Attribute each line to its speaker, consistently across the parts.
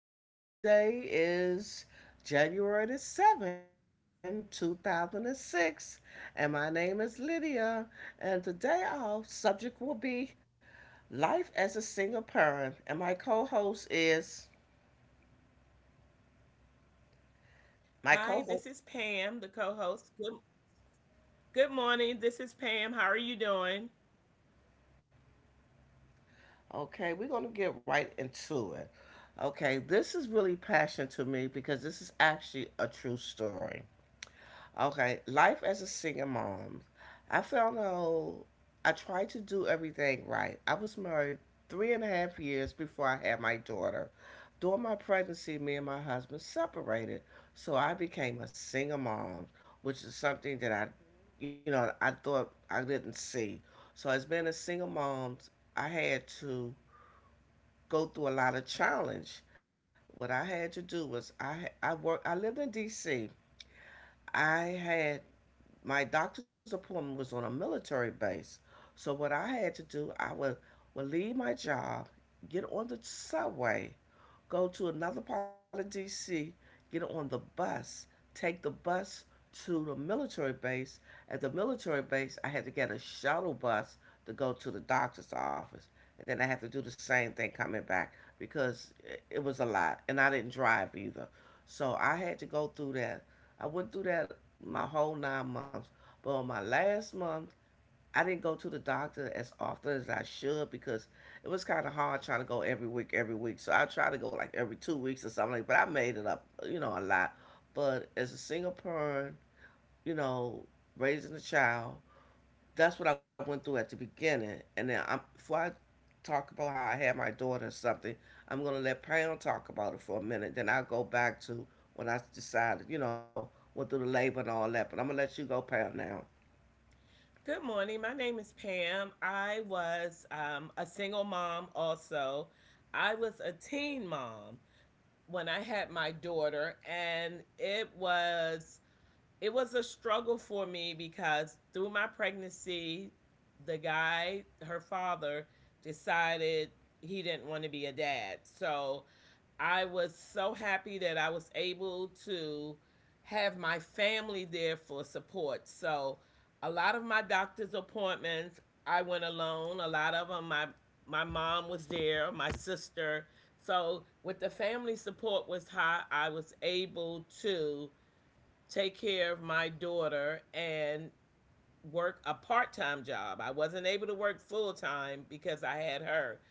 Speaker 1: morning. Today is January the 7th, 2006, and my name is Lydia. And today our subject will be life as a single parent. And my co-host is
Speaker 2: Hi, this is Pam, the
Speaker 1: my co-host.
Speaker 2: co-host. Good morning. This is Pam. How are you doing?
Speaker 1: Okay, we're going to get right into it. Okay, this is really passionate to me because this is actually a true story. Okay, life as a single mom. I found out I tried to do everything right. I was married three and a half years before I had my daughter. During my pregnancy, me and my husband separated, so I became a single mom, which is something that I, you know, I thought I didn't see. So as being a single mom, I had to go through a lot of challenge. What I had to do was I worked I lived in D.C. I had my doctor's appointment was on a military base. So what I had to do, I would leave my job, get on the subway, go to another part of D.C., get on the bus, take the bus to the military base. At the military base, I had to get a shuttle bus to go to the doctor's office. And then I had to do the same thing coming back because was a lot. And I didn't drive either. So I had to go through that. I went through that my whole 9 months. But on my last month, I didn't go to the doctor as often as I should because it was kind of hard trying to go every week, every week. So I try to go like every 2 weeks or something. Like, but I made it up, you know, a lot. But as a single parent, you know, raising a child, that's what I went through at the beginning. And then before I talk about how I had my daughter or something, I'm gonna let Pam talk about it for a minute. Then I'll go back to when I decided, you know, went through the labor and all that. But I'm gonna let you go, Pam, now.
Speaker 2: Good morning. My name is Pam. I was a single mom also. I was a teen mom when I had my daughter and it was a struggle for me because through my pregnancy, the guy, her father, decided he didn't want to be a dad. So I was so happy that I was able to have my family there for support. So a lot of my doctor's appointments, I went alone. A lot of them, my mom was there, my sister. So with the family support was high, I was able to take care of my daughter and work a part-time job. I wasn't able to work full-time because I had her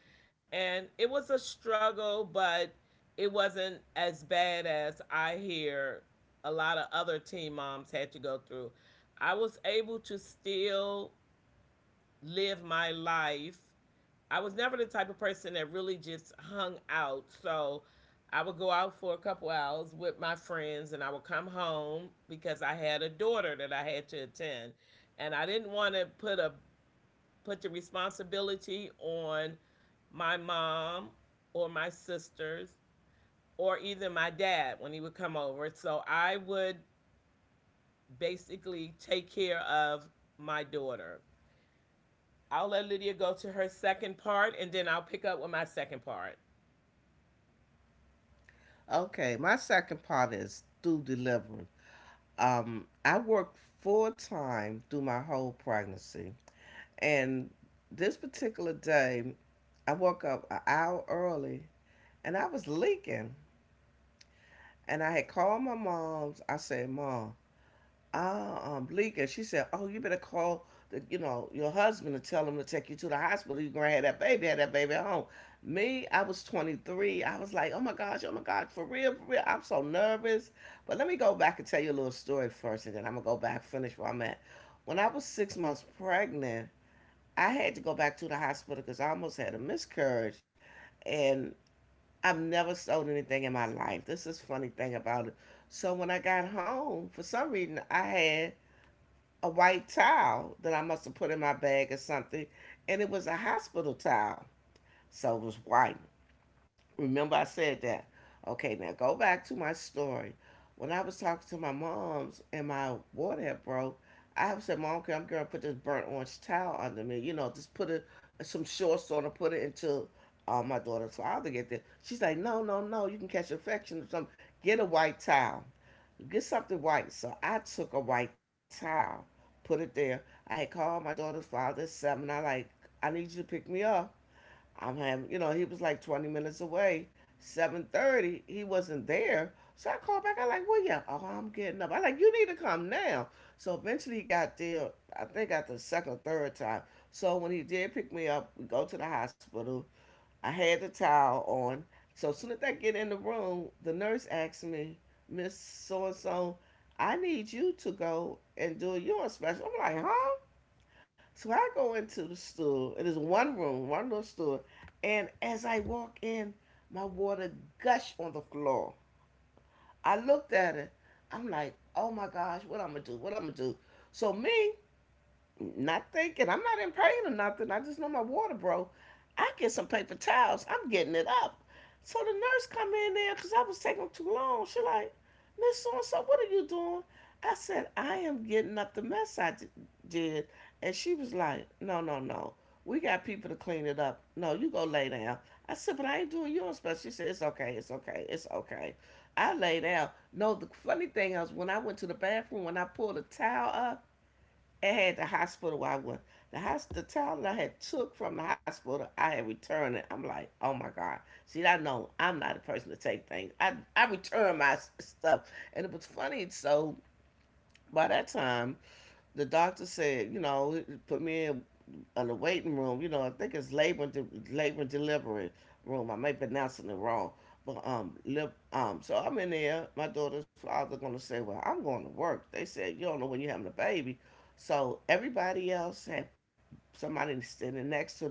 Speaker 2: and it was a struggle, but it wasn't as bad as I hear a lot of other teen moms had to go through. I was able to still live my life. I was never the type of person that really just hung out. So I would go out for a couple hours with my friends and I would come home because I had a daughter that I had to attend. And I didn't want to put the responsibility on my mom or my sisters or either my dad when he would come over. So I would basically take care of my daughter. I'll let Lydia go to her second part and then I'll pick up with my second part.
Speaker 1: Okay, my second part is through delivery. I worked full time through my whole pregnancy. And this particular day, I woke up an hour early and I was leaking. And I had called my mom's. I said, "Mom, Bleeker." She said, "Oh, you better call the, you know, your husband and tell him to take you to the hospital. You're gonna have that baby at home." Me, I was 23. I was like, oh my gosh, for real, for real." I'm so nervous. But let me go back and tell you a little story first, and then I'm gonna go back finish where I'm at. When I was 6 months pregnant, I had to go back to the hospital because I almost had a miscarriage, and I've never sold anything in my life. This is funny thing about it. So when I got home, for some reason, I had a white towel that I must have put in my bag or something, and it was a hospital towel, so it was white. Remember, I said that. Okay, now go back to my story. When I was talking to my mom's and my water had broke, I said, "Mom, okay, I'm gonna put this burnt orange towel under me. You know, just put it some shorts on and put it until my daughter's father get there." She's like, "No, no, no. You can catch infection or something. Get a white towel. Get something white." So I took a white towel, put it there. I had called my daughter's father at seven. I like, "I need you to pick me up. I'm having, you know." He was like 20 minutes away. 7:30. He wasn't there. So I called back. I like, "Well, yeah, oh, I'm getting up." I like, "You need to come now." So eventually he got there, I think at the second or third time. So when he did pick me up, we go to the hospital. I had the towel on. So as soon as I get in the room, the nurse asked me, "Miss So and so, I need you to go and do a urine special." I'm like, "Huh?" So I go into the store. It is one room, one little store. And as I walk in, my water gushed on the floor. I looked at it. I'm like, "Oh my gosh, what I'm gonna do? What I'm gonna do?" So me, not thinking. I'm not in pain or nothing. I just know my water broke. I get some paper towels. I'm getting it up. So the nurse come in there because I was taking too long. She like, "Miss So and So, what are you doing?" I said, "I am getting up the mess I did." And she was like, "No, no, no. We got people to clean it up. No, you go lay down." I said, "But I ain't doing yours special." She said, "It's okay, it's okay, it's okay." I lay down. No, the funny thing is when I went to the bathroom, when I pulled a towel up, it had the hospital where I went. The towel that I had took from the hospital, I had returned it. I'm like, "Oh my God." See, I know I'm not a person to take things. I return my stuff, and it was funny. So by that time, the doctor said, you know, put me in on the waiting room. You know, I think it's labor and delivery room. I may be pronouncing it wrong, but so I'm in there. My daughter's father gonna say, "Well, I'm going to work." They said, "You don't know when you're having a baby," so everybody else had somebody standing next to them.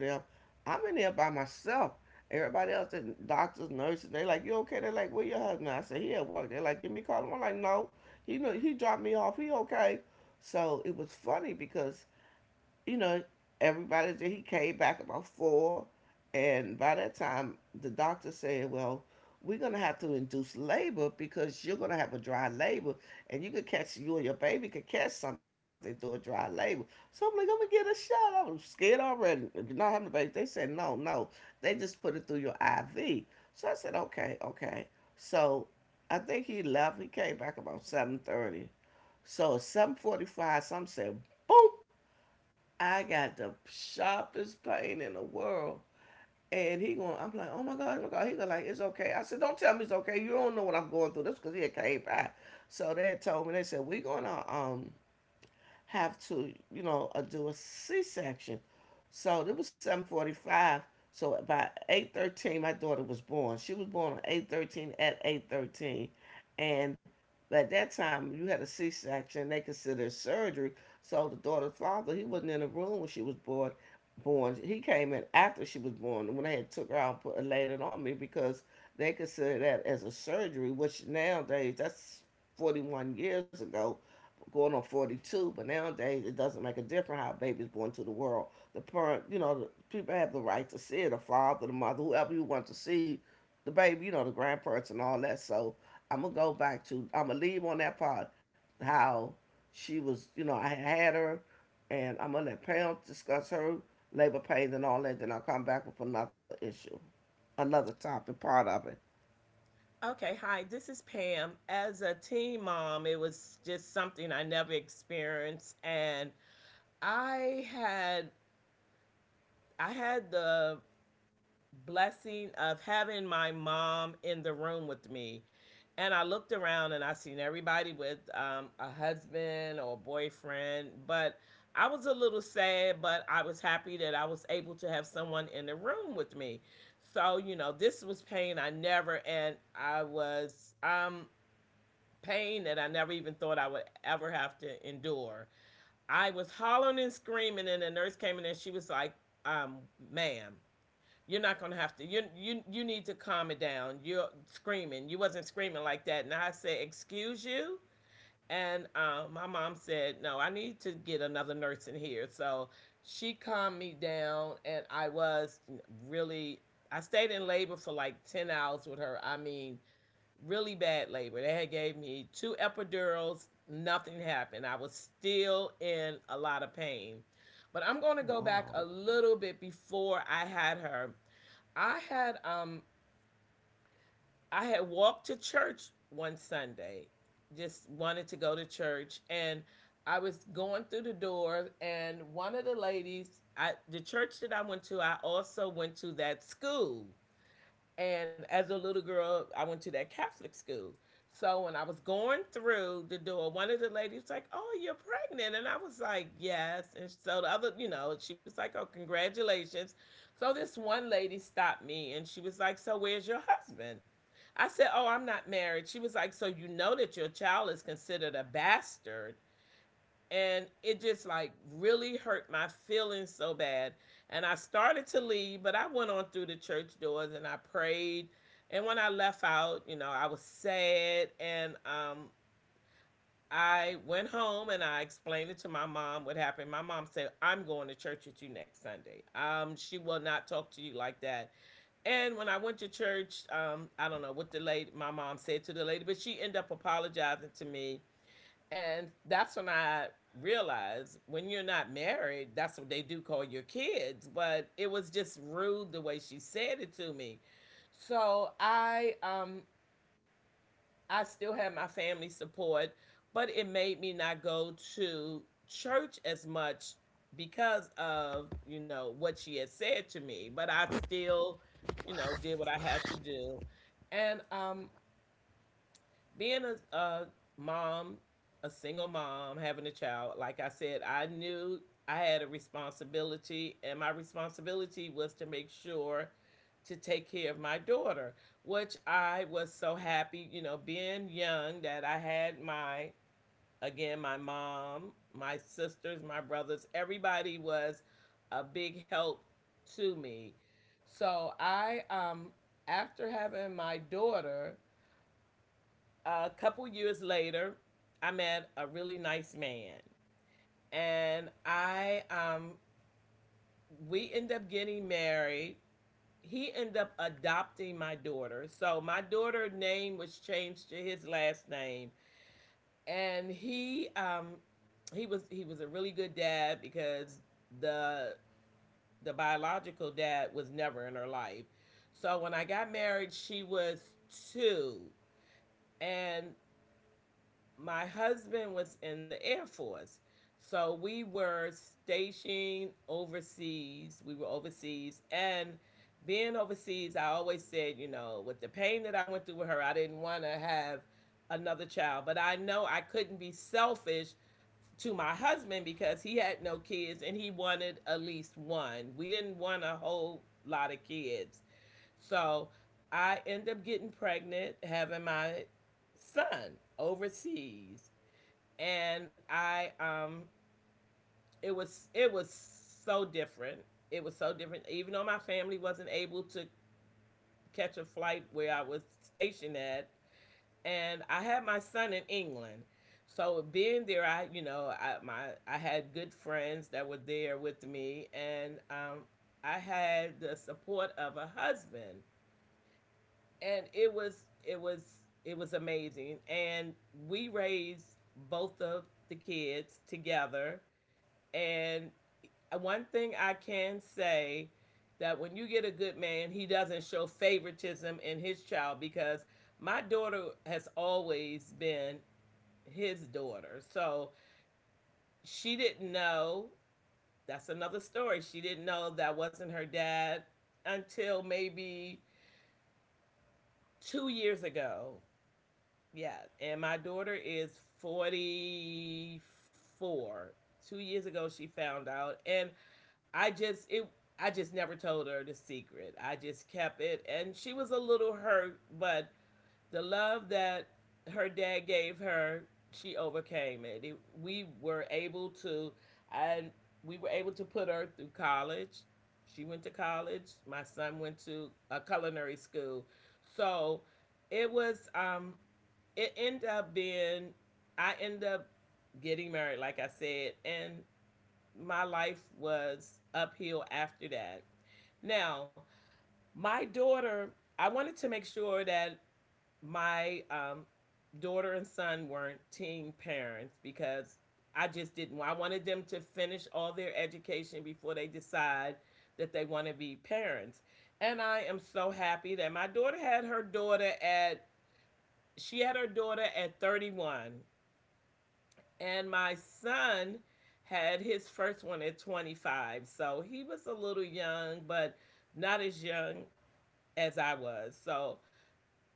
Speaker 1: I'm in there by myself. Everybody else, the doctors, nurses, they like, "You okay?" They're like, "Where your husband?" I said, "He at work." They're like, "Give me a call." I'm like, "No, he know, he dropped me off. He okay?" So it was funny because you know, everybody did. He came back about four, and by that time, the doctor said, "Well, we're gonna have to induce labor because you're gonna have a dry labor, and you could catch you and your baby could catch something through a dry labor." So I'm like, "I'm gonna get a shot." I was scared already. "You're not having a baby." They said, "No, no. They just put it through your IV." So I said, "Okay, okay." So I think he left. He came back about 7:30. So at 7:45, some said, "Boom." I got the sharpest pain in the world. And he going, I'm like, "Oh my God, oh my God." He go like, "It's okay." I said, "Don't tell me it's okay. You don't know what I'm going through." This because he had came by. So they had told me, they said, "We gonna have to, you know, do a C-section." So it was 7:45. So by 8:13, my daughter was born. She was born on 8:13 at 8:13, and at that time you had a C-section. They considered surgery. So the daughter's father, he wasn't in the room when she was born. Born, he came in after she was born when they had took her out and put laid it on me because they considered that as a surgery, which nowadays that's 41 years ago going on 42, but nowadays it doesn't make a difference how a baby's born to the world. The parent, you know, the people have the right to see it, the father, the mother, whoever you want to see, the baby, you know, the grandparents and all that. So I'm going to go back to, I'm going to leave on that part, how she was, you know, I had had her, and I'm going to let Pam discuss her labor pains and all that. Then I'll come back with another issue, another topic, part of it.
Speaker 2: Okay, hi, this is Pam. As a teen mom, it was just something I never experienced and I had I had the blessing of having my mom in the room with me. And I looked around and I seen everybody with a husband or a boyfriend, but I was a little sad, but I was happy that I was able to have someone in the room with me. So, you know, this was pain I never, and I was pain that I never even thought I would ever have to endure. I was hollering and screaming, and the nurse came in and she was like, um, ma'am, you're not gonna have to. You need to calm it down. You're screaming. You wasn't screaming like that. And I said, "Excuse you." And my mom said, "No, I need to get another nurse in here." So she calmed me down, and I was really. I stayed in labor for like 10 hours with her. I mean, really bad labor. They had gave me two epidurals. Nothing happened. I was still in a lot of pain. But I'm going to go back
Speaker 1: Wow.
Speaker 2: a little bit before I had her. I had um I had walked to church one Sunday. Just wanted to go to church and I was going through the door and one of the ladies I the church that I went to, I also went to that school. And as a little girl, I went to that Catholic school. So when I was going through the door, one of the ladies was like, "Oh, you're pregnant," and I was like, "Yes." And so the other, you know, she was like, "Oh, congratulations." So this one lady stopped me, and she was like, "So where's your husband?" I said, "Oh, I'm not married." She was like, "So you know that your child is considered a bastard, and it just like really hurt my feelings so bad, and I started to leave, but I went on through the church doors and I prayed. And when I left out, you know, I was sad, and I went home and I explained it to my mom what happened. My mom said, I'm going to church with you next Sunday. She will not talk to you like that. And when I went to church, I don't know what the lady my mom said to the lady, but she ended up apologizing to me. And that's when I realized when you're not married, that's what they do call your kids. But it was just rude the way she said it to me. So I still had my family support, but it made me not go to church as much because of, you know, what she had said to me. But I still, you know, did what I had to do. And Being a mom, a single mom, having a child, like I said, I knew I had a responsibility, and my responsibility was to make sure to take care of my daughter, which I was so happy, you know, being young that I had my, again, my mom, my sisters, my brothers, everybody was a big help to me. So I, after having my daughter, a couple years later, I met a really nice man, and I we end up getting married. He ended up adopting my daughter, so my daughter's name was changed to his last name, and he was a really good dad because the the biological dad was never in her life. So when I got married, she was two, and my husband was in the Air Force. So we were stationed overseas. We were overseas. And being overseas, I always said, you know, with the pain that I went through with her, I didn't want to have another child. But I know I couldn't be selfish to my husband because he had no kids and he wanted at least one. We didn't want a whole lot of kids. So I end up getting pregnant, having my son overseas, and I it was so different. It was so different. Even though my family wasn't able to catch a flight where I was stationed at, and I had my son in England. So being there, I you know I my I had good friends that were there with me, and I had the support of a husband, and it was amazing. And we raised both of the kids together. And one thing I can say that when you get a good man, he doesn't show favoritism in his child because my daughter has always been his daughter. So she didn't know. That's another story. She didn't know that wasn't her dad until maybe 2 years ago. Yeah. And my daughter is 44. 2 years ago, she found out. And I just it I just never told her the secret. I just kept it and she was a little hurt, but the love that her dad gave her, she overcame it. And we were able to put her through college. She went to college. My son went to a culinary school. So it was um it ended up being I ended up getting married like I said, and my life was uphill after that. Now, my daughter, I wanted to make sure that my daughter and son weren't teen parents because I just didn't. I wanted them to finish all their education before they decide that they want to be parents. And I am so happy that my daughter had her daughter at she had her daughter at 31 and my son had his first one at 25. So he was a little young, but not as young as I was. So,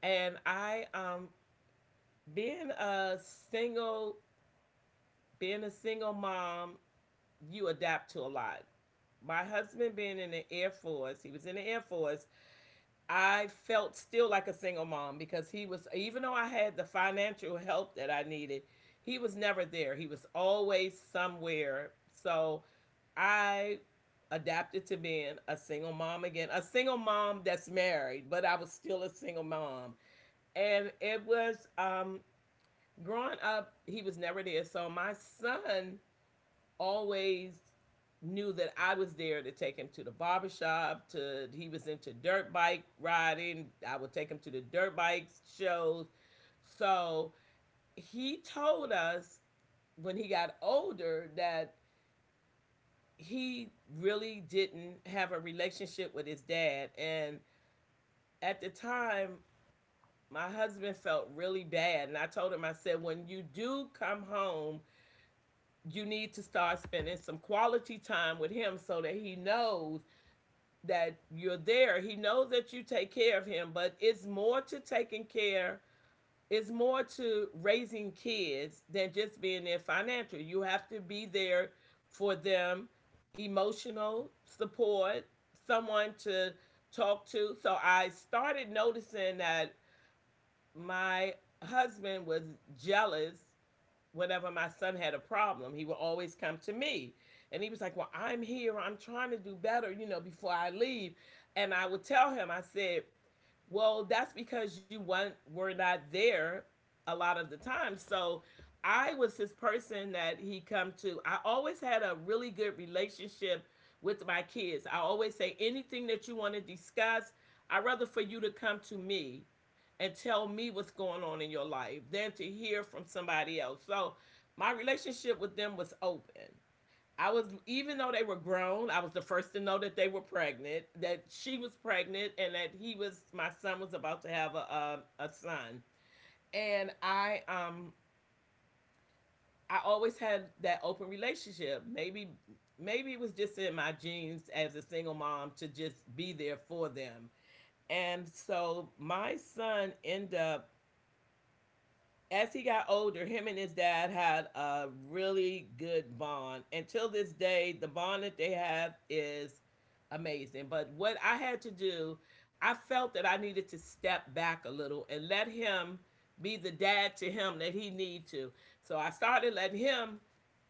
Speaker 2: and I, being a single, being a single mom, you adapt to a lot. My husband being in the Air Force, He was in the Air Force, I felt still like a single mom because he was, even though I had the financial help that I needed, he was never there. He was always somewhere. So I adapted to being a single mom again, a single mom that's married, but I was still a single mom. And it was growing up, he was never there. So my son always knew that I was there to take him to the barbershop, to he was into dirt bike riding. I would take him to the dirt bike shows. So he told us when he got older that he really didn't have a relationship with his dad. And at the time, my husband felt really bad. And I told him, I said, when you do come home, you need to start spending some quality time with him so that he knows that you're there. He knows that you take care of him, but it's more to taking care, it's more to raising kids than just being there financially. You have to be there for them, emotional support, someone to talk to. So I started noticing that my husband was jealous whenever my son had a problem, he would always come to me. And he was like, Well, I'm here. I'm trying to do better, you know, before I leave. And I would tell him, I said, well, that's because you weren't, were not there a lot of the time. So I was his person that he come to. I always had a really good relationship with my kids. I always say anything that you want to discuss, I'd rather for you to come to me and tell me what's going on in your life than to hear from somebody else. So my relationship with them was open. I was, even though they were grown, I was the first to know that they were pregnant, that she was pregnant, and that he was, my son was about to have a son. And I I always had that open relationship. Maybe it was just in my genes as a single mom to just be there for them. And so my son ended up, as he got older, him and his dad had a really good bond. Until this day, the bond that they have is amazing. But what I had to do, I felt that I needed to step back a little and let him be the dad to him that he need to. So I started letting him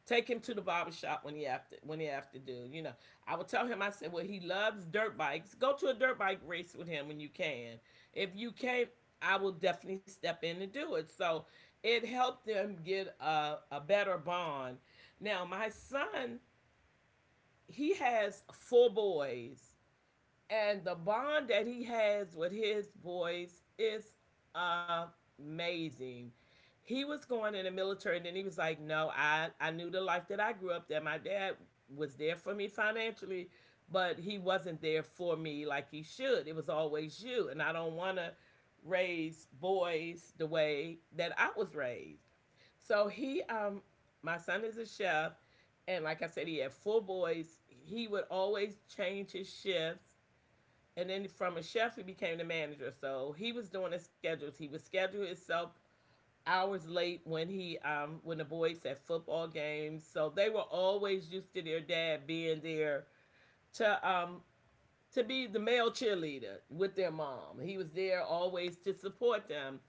Speaker 2: take him to the barber shop when he after do. I would tell him, I said, well, he loves dirt bikes. Go to a dirt bike race with him when you can. If you can't, I will definitely step in and do it. So it helped them get a better bond. Now my son, he has four boys and the bond that he has with his boys is amazing. He was going in the military and then he was like, no, I knew the life that I grew up, that my dad was there for me financially, but he wasn't there for me like he should. It was always you. And I don't want to raise boys the way that I was raised. So my son is a chef. And like I said, he had four boys. He would always change his shifts and then from a chef he became the manager. So he was doing his schedules. He would schedule himself hours late when he when the boys had football games. So they were always used to their dad being there to um to be the male cheerleader with their mom. He was there always to support them.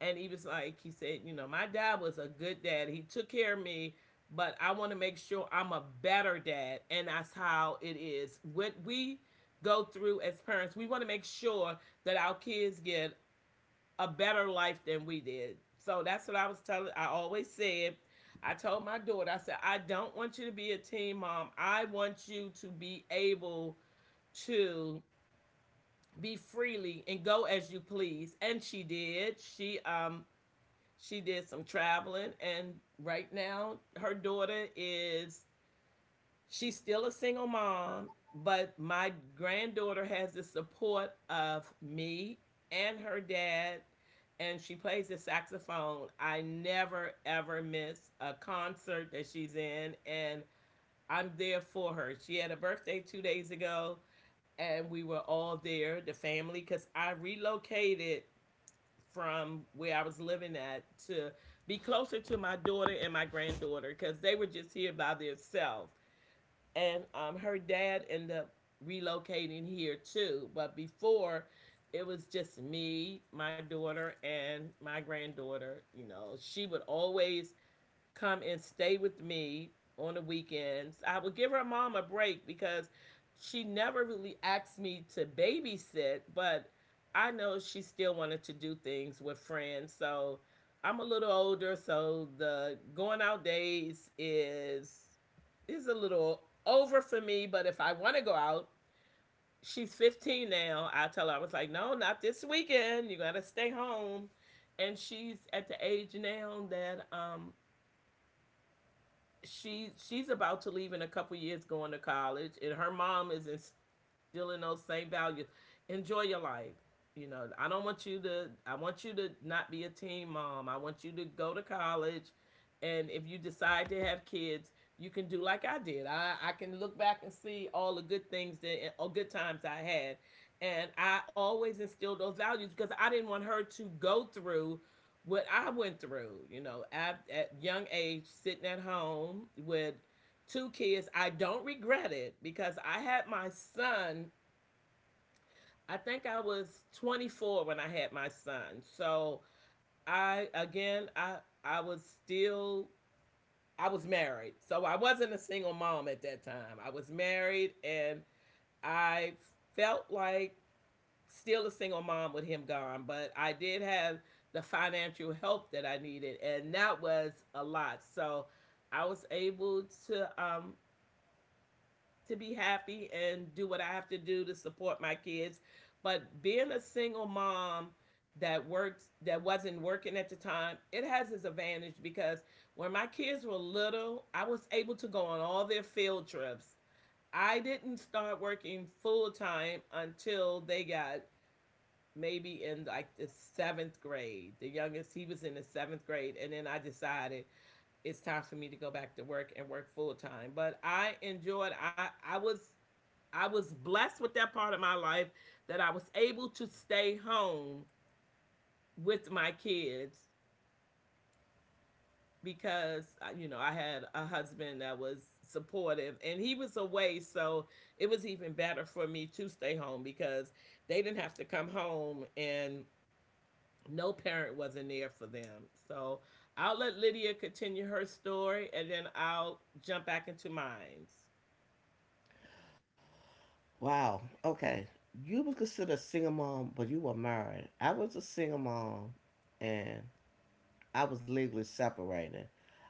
Speaker 2: And he was like, he said, my dad was a good dad. He took care of me, but I want to make sure I'm a better dad. And that's how it is. What we go through as parents, we want to make sure that our kids get a better life than we did. So that's what I was telling. I always said, I told my daughter, I said, I don't want you to be a teen mom. I want you to be able to be freely and go as you please. And she did. She she did some traveling and right now her daughter is, she's still a single mom, but my granddaughter has the support of me and her dad and she plays the saxophone. I never ever miss a concert that she's in and I'm there for her. She had a birthday 2 days ago and we were all there, the family, because I relocated from where I was living at to be closer to my daughter and my granddaughter because they were just here by themselves. And her dad ended up relocating here too. But before, it was just me, my daughter, and my granddaughter. You know, she would always come and stay with me on the weekends. I would give her mom a break because she never really asked me to babysit, but I know she still wanted to do things with friends. So I'm a little older, so the going out days is a little over for me. But if I want to go out, she's 15 now. I tell her, I was like, no, not this weekend. You gotta stay home. And she's at the age now that, she's about to leave in a couple years going to college and her mom is in, still in those same values. Enjoy your life. You know, I don't want you to. I want you to not be a teen mom. I want you to go to college, and if you decide to have kids, you can do like I did. I can look back and see all the good things, that all good times I had, and I always instilled those values because I didn't want her to go through what I went through. You know, at young age, sitting at home with two kids. I don't regret it because I had my son, I think I was 24 when I had my son. So I I was still, I was married. So I wasn't a single mom at that time. I was married and I felt like still a single mom with him gone, but I did have the financial help that I needed and that was a lot. So I was able to be happy and do what I have to do to support my kids. But being a single mom that worked, that wasn't working at the time, it has its advantage because when my kids were little, I was able to go on all their field trips. I didn't start working full time until they got maybe in like the seventh grade. The youngest, he was in the seventh grade. And then I decided it's time for me to go back to work and work full time. But I enjoyed, I was, I was blessed with that part of my life that I was able to stay home with my kids because, you know, I had a husband that was supportive and he was away, so it was even better for me to stay home because they didn't have to come home and no parent wasn't there for them. So I'll let Lydia continue her story and then I'll jump back into mine.
Speaker 1: Wow. Okay. You were considered a single mom, but you were married. I was a single mom, and I was legally separated.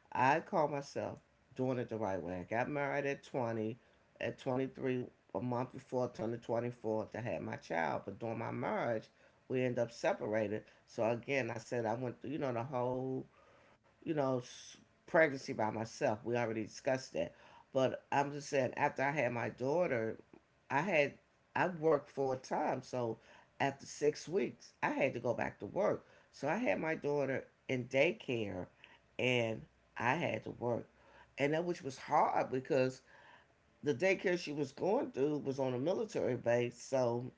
Speaker 1: I call myself doing it the right way. I got married at 20, at 23, a month before turning 24 to have my child. But during my marriage, we end up separated. So again, I said I went through, you know, the whole you know, pregnancy by myself. We already discussed that. But I'm just saying, after I had my daughter, I had I worked full time, so after 6 weeks, I had to go back to work. So I had my daughter in daycare, and I had to work, and that which was hard because the daycare she was going through was on a military base, so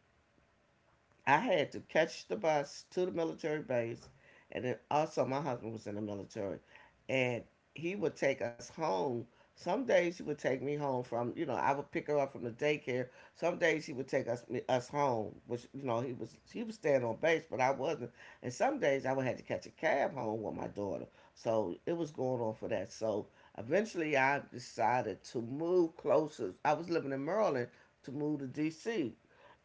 Speaker 1: I had to catch the bus to the military base, and then also my husband was in the military, and he would take us home. Some days he would take me home I would pick her up from the daycare. Some days he would take us us home, which he was staying on base, but I wasn't. And some days I would have to catch a cab home with my daughter, so it was going on for that. So eventually I decided to move closer. I was living in Maryland to move to D.C.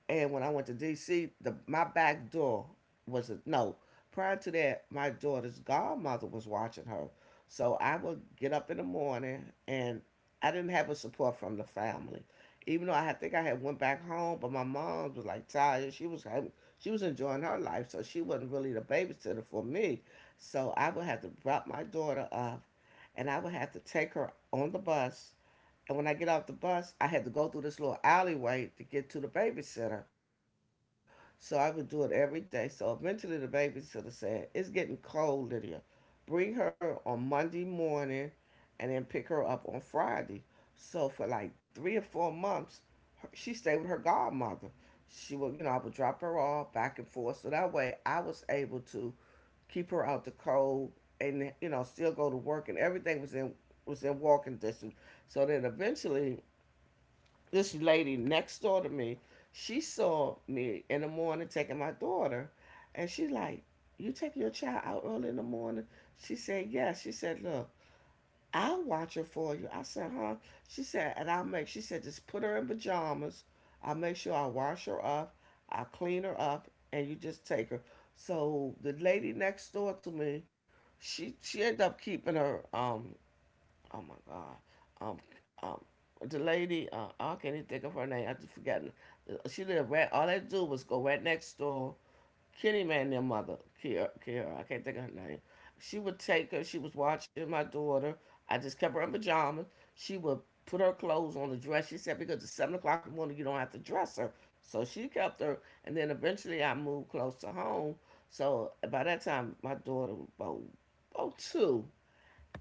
Speaker 1: And when I went to DC, the my back door was a, no. Prior to that, my daughter's godmother was watching her, so I would get up in the morning, and I didn't have a support from the family. Even though think I had went back home, but my mom was like tired. She was enjoying her life, so she wasn't really the babysitter for me. So I would have to drop my daughter up, and I would have to take her on the bus, and when I get off the bus, I had to go through this little alleyway to get to the babysitter. So I would do it every day. So eventually the babysitter said, "It's getting cold, Lydia. Bring her on Monday morning and then pick her up on Friday." So for like 3 or 4 months, she stayed with her godmother. She would, you know, I would drop her off back and forth. So that way I was able to keep her out the cold and, still go to work, and everything was in walking distance. So then eventually this lady next door to me, she saw me in the morning taking my daughter, and she like, "You take your child out early in the morning?" She said, "Yeah." She said, "Look, I'll watch her for you." I said, "Huh?" She said, "And I'll make." She said, "Just put her in pajamas. I'll make sure I wash her up. I'll clean her up, and you just take her." So the lady next door to me, she ended up keeping her. Oh my God. um, um, I can't even think of her name. I just forgotten. She lived right. All they do was go right next door. Kitty man, their mother, Kiara, Kiara. I can't think of her name. She would take her. She was watching my daughter. I just kept her in pajamas. She would put her clothes on the dress. She said, because it's 7 o'clock in the morning, you don't have to dress her. So she kept her, and then eventually I moved close to home. So by that time, my daughter was about two,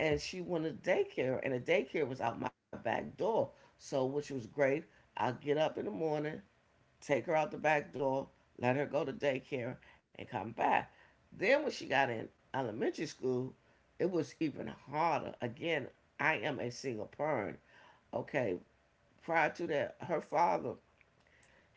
Speaker 1: and she wanted daycare, and the daycare was out my back door. So, which was great. I'll get up in the morning, take her out the back door, let her go to daycare, and come back. Then, when she got in elementary school, it was even harder. Again, I am a single parent. Okay, prior to that, her father,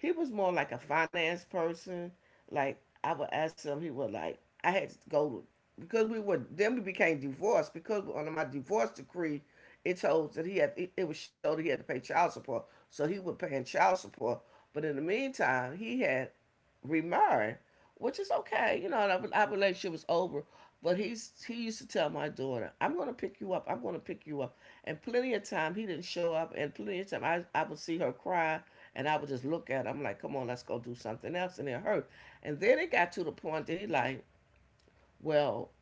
Speaker 1: he was more like a finance person. Like, I would ask him, he would like, I had to go because we were then we became divorced, because under my divorce decree, it told that it was showed that he had to pay child support, so he was paying child support. But in the meantime, he had remarry, which is okay. You know, and our relationship was over. But he used to tell my daughter, "I'm going to pick you up. I'm going to pick you up." And plenty of time he didn't show up, and plenty of time I would see her cry, and I would just look at him like, "Come on, let's go do something else," and it hurt. And then it got to the point that he like, "Well,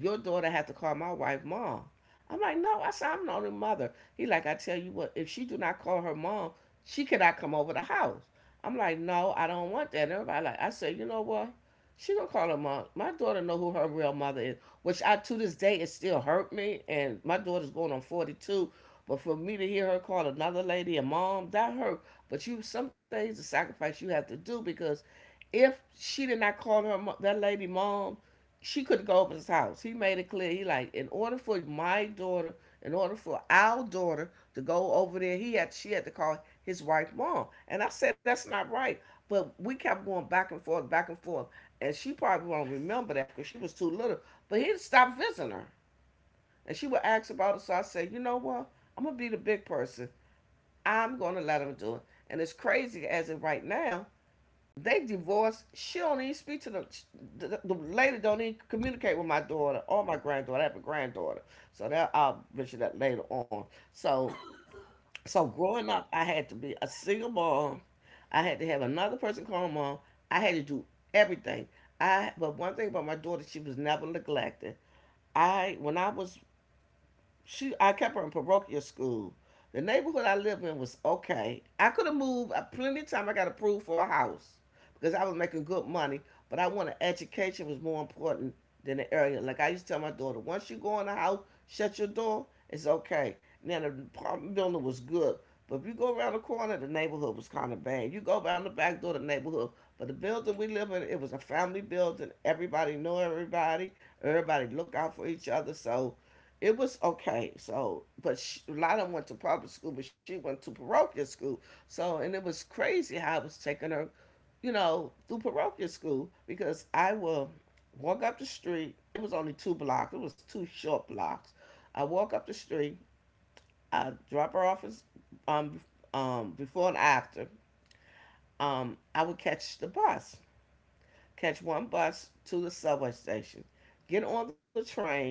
Speaker 1: your daughter have to call my wife mom." I'm like, "No," I said, "I'm the only mother." He like, "I tell you what, if she do not call her mom, she cannot come over the house." I'm like, no, I don't want that. And everybody like, I said, you know what? She gonna call her mom. My daughter know who her real mother is, which I to this day it still hurt me. And my daughter's going on 42, but for me to hear her call another lady a mom, that hurt. But you, some things, the sacrifice you have to do, because if she did not call her that lady mom, she couldn't go over his house. He made it clear. He like, in order for our daughter to go over there, he had she had to call his wife mom. And I said that's not right. But we kept going back and forth, back and forth. And she probably won't remember that because she was too little. But he'd stop visiting her. And she would ask about it. So I said, you know what? I'm gonna be the big person. I'm gonna let him do it. And it's crazy, as of right now, they divorced. She don't even speak to the lady. Don't even communicate with my daughter or my granddaughter. I have a granddaughter, so that I'll mention that later on. So growing up, I had to be a single mom. I had to have another person call my mom. I had to do everything. I But one thing about my daughter, she was never neglected. I when I was she I kept her in parochial school. The neighborhood I lived in was okay. I could have moved, plenty of time. I got approved for a house because I was making good money, but I wanted education was more important than the area. Like, I used to tell my daughter, once you go in the house, shut your door. It's okay. Now, the apartment building was good, but if you go around the corner, the neighborhood was kind of bad. You go around the back door, the neighborhood. But the building we live in, it was a family building. Everybody knew everybody. Everybody looked out for each other. So it was okay. A lot of them went to public school, but she went to parochial school. So, and it was crazy how I was taking her, through parochial school, because I will walk up the street. It was only 2 blocks. It was 2 short blocks. I walk up the street. I drop her off um, before and after. I would catch the bus, catch one bus to the subway station, get on the train,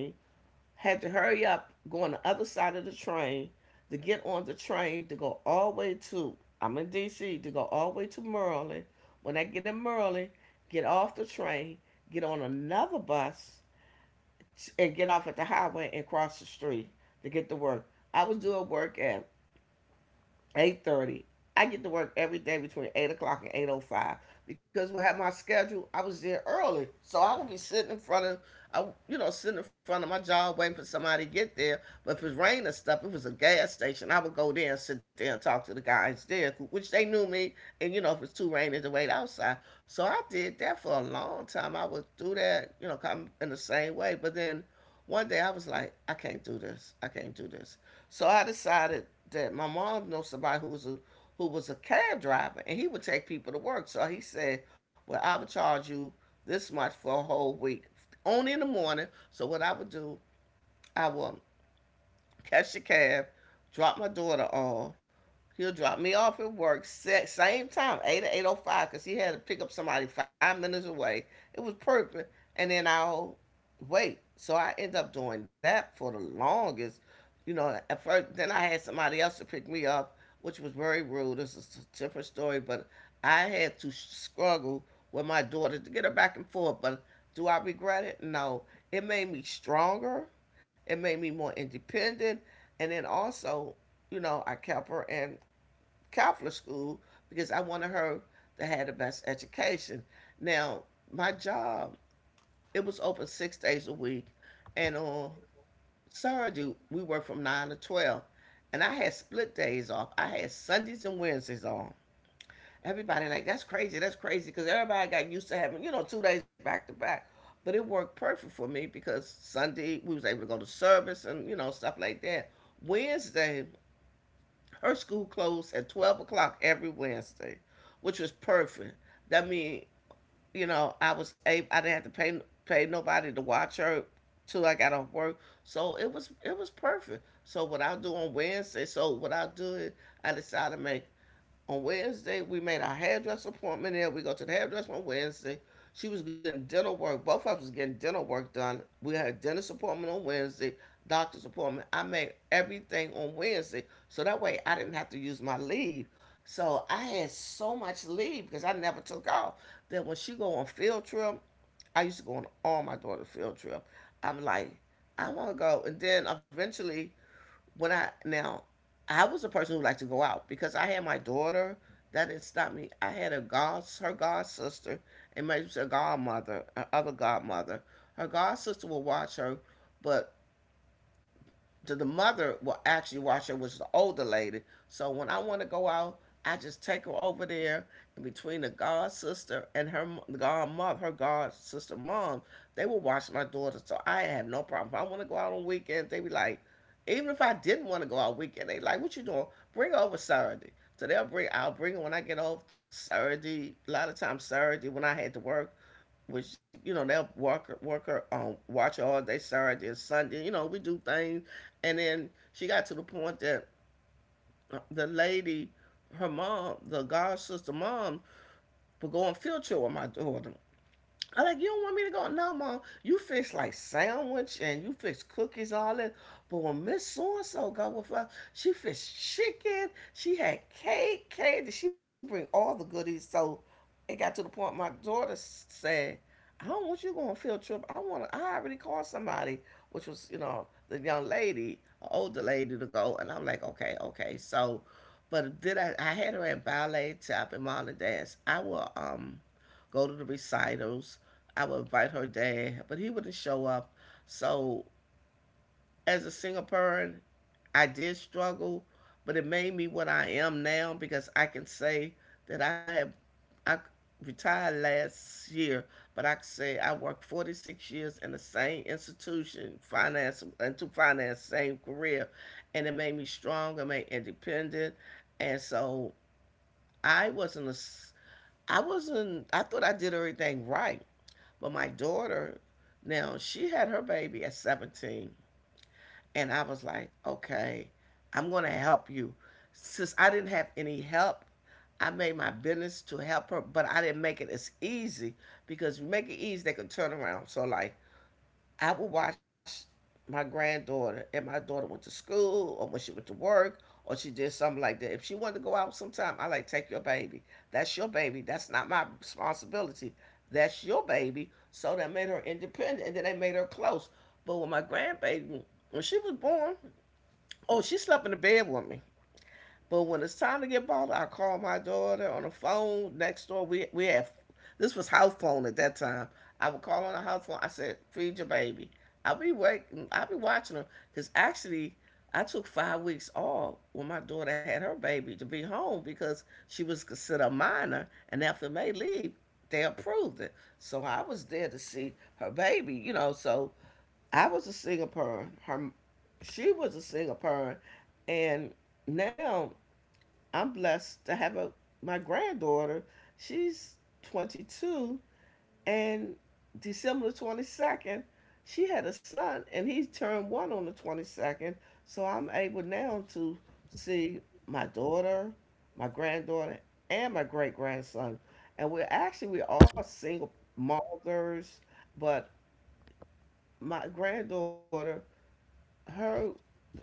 Speaker 1: had to hurry up, go on the other side of the train to get on the train to go all the way to, I'm in DC, to go all the way to Maryland. When I get in Maryland, get off the train, get on another bus, and get off at the highway and cross the street to get to work. I was doing work at 8:30. I get to work every day between 8 o'clock and 8:05, because we had my schedule. I was there early, so I would be I, sitting in front of my job waiting for somebody to get there. But if it was rain or stuff, it was a gas station. I would go there and sit there and talk to the guys there, which they knew me. And you know, if it's too raining to wait outside. So I did that for a long time. I would do that, come in the same way. But then one day I was like, I can't do this. I can't do this. So I decided that my mom knows somebody who was a cab driver, and he would take people to work. So he said, "Well, I would charge you this much for a whole week, only in the morning." So what I would do, I would catch the cab, drop my daughter off. He'll drop me off at work same time, eight or 8:05, cause he had to pick up somebody 5 minutes away. It was perfect. And then I'll wait. So I end up doing that for the longest. You know, at first, then I had somebody else to pick me up, which was very rude. This is a different story, but I had to struggle with my daughter to get her back and forth. But do I regret it? No. It made me stronger. It made me more independent. And then also, you know, I kept her in Catholic school because I wanted her to have the best education. Now, my job it was open 6 days a week, and on Saturday we worked from 9 to 12, and I had split days off. I had Sundays and Wednesdays on. Everybody like that's crazy, because everybody got used to having 2 days back to back. But it worked perfect for me because Sunday we was able to go to service and stuff like that. Wednesday, her school closed at 12 o'clock every Wednesday, which was perfect. That mean I was able, I didn't have to pay nobody to watch her till I got off work. So it was perfect. So what I'll do is I decide to make on Wednesday. We made our hairdresser appointment there. We go to the hairdresser on Wednesday. She was getting dental work. Both of us was getting dental work done. We had a dentist appointment on Wednesday, doctor's appointment. I made everything on Wednesday. So that way I didn't have to use my leave. So I had so much leave because I never took off. Then when she go on field trip, I used to go on all my daughter's field trip. I'm like, I want to go. And then eventually when I now, I was a person who liked to go out because I had my daughter. That didn't stop me. I had a god, her god sister, and my her godmother, her other godmother. Her god sister would watch her, but to the mother will actually watch her, which is the older lady. So when I want to go out, I just take her over there, and between the god sister and her god sister mom, they will watch my daughter. So I have no problem. If I want to go out on weekends, they be like, even if I didn't want to go out weekend, they like, what you doing? Bring her over Saturday. So I'll bring her when I get off Saturday. A lot of times Saturday when I had to work, which you know they'll work work her watch her all day Saturday and Sunday. We do things, and then she got to the point that the lady, her mom, the god sister mom, would go on field trip with my daughter, I'm like, you don't want me to go? No, mom. You fix like sandwich and you fix cookies, all that. But when Miss So and So go with us, she fixed chicken. She had cake, cake. Did she bring all the goodies? So it got to the point my daughter said, I don't want you to go on a field trip. I want. I already called somebody, which was the young lady, an older lady to go. And I'm like, okay, okay. So, but then I had her at ballet, tap, and modern dance. I will go to the recitals. I would invite her dad, but he wouldn't show up. So as a single parent, I did struggle, but it made me what I am now because I can say that I retired last year, but I can say I worked 46 years in the same institution, finance and to finance same career, and it made me strong. It made me independent, and so I wasn't a I wasn't. I thought I did everything right, but my daughter, now she had her baby at 17, and I was like, okay, I'm going to help you. Since I didn't have any help, I made my business to help her, but I didn't make it as easy because you make it easy, they could turn around. So, like, I would watch my granddaughter and my daughter went to school or when she went to work or she did something like that. If she wanted to go out sometime, I like take your baby. That's your baby. That's not my responsibility. That's your baby. So that made her independent and then they made her close. But with my grandbaby, when she was born, oh, she slept in the bed with me. But when it's time to get bought, I call my daughter on the phone next door. We have This was house phone at that time. I would call on the house phone. I said, "Feed your baby." I'll be waiting. I'll be watching her because actually, I took 5 weeks off when my daughter had her baby to be home because she was considered a minor, and after May leave, they approved it. So I was there to see her baby. So I was a single parent. She was a single parent, and now I'm blessed to have a my granddaughter. She's 22, and December 22nd, she had a son, and he turned one on the 22nd. So I'm able now to see my daughter, my granddaughter, and my great grandson. And we're actually we're all single mothers, but my granddaughter, her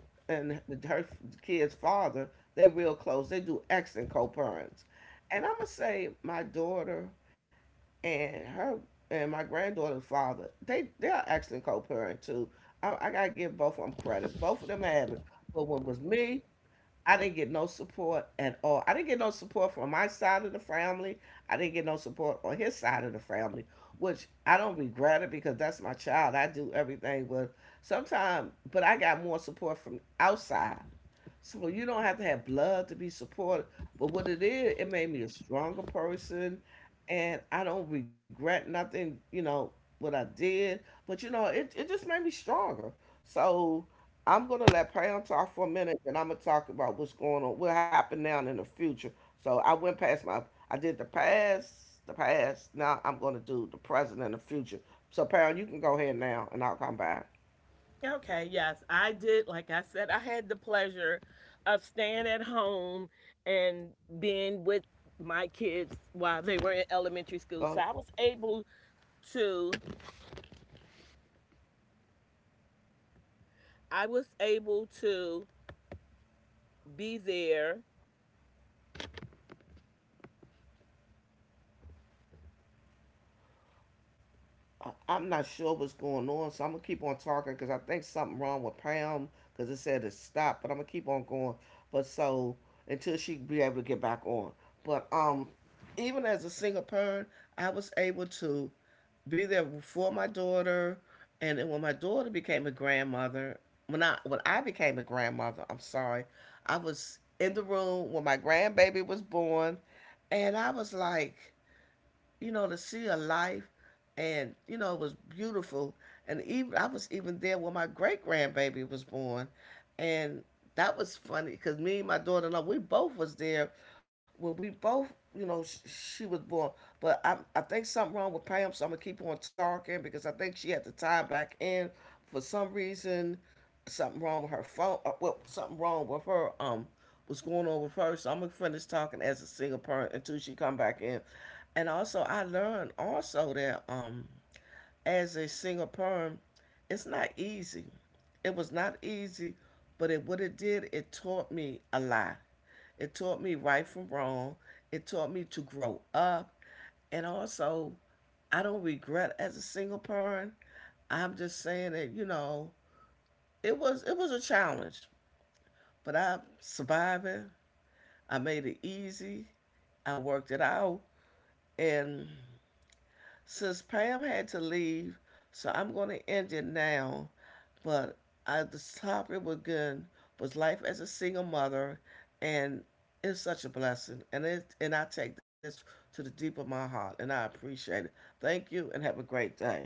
Speaker 1: and her kid's father, they real close. They do excellent co-parents. And I'm gonna say my daughter and her and my granddaughter's father, they are excellent co-parent too. I gotta give both of them credit. Both of them have it. But when it was me, I didn't get no support at all. I didn't get no support from my side of the family. I didn't get no support on his side of the family, which I don't regret it because that's my child. I do everything, but sometimes, but I got more support from outside so you don't have to have blood to be supported. But what it is, it made me a stronger person, and I don't regret nothing. You know what I did, but it just made me stronger. So I'm gonna let Pam talk for a minute, and I'm gonna talk about what's going on, what happened now and in the future. So I did the past, the past. Now I'm gonna do the present and the future. So Pam, you can go ahead now, and I'll come back. Go ahead. I- am not sure what's going on, so I'm gonna keep on talking because I think something wrong with Pam because it said to stop, but I'm gonna keep on going. But so until she be able to get back on, but even as a single parent, I was able to be there for my daughter, and then when my daughter became a grandmother, when I became a grandmother, I'm sorry, I was in the room when my grandbaby was born, and I was like to see her life, and it was beautiful. And even I was even there when my great grandbaby was born, and that was funny because me and my daughter-in-law, we both was there when we both, she was born. But I think something wrong with Pam, so I'm gonna keep on talking because I think she had to tie back in for some reason. Something wrong with her phone. Well, something wrong with her. What's going on with her? So I'm gonna finish talking as a single parent until she come back in. And also, I learned also that as a single parent, it's not easy. It was not easy, but it what it did, it taught me a lot. It taught me right from wrong. It taught me to grow up. And also, I don't regret as a single parent. I'm just saying that, it was a challenge. But I'm surviving. I made it easy. I worked it out. And since Pam had to leave, so I'm going to end it now. But the topic was good, was life as a single mother, and it's such a blessing. And I take this to the deep of my heart, and I appreciate it. Thank you, and have a great day.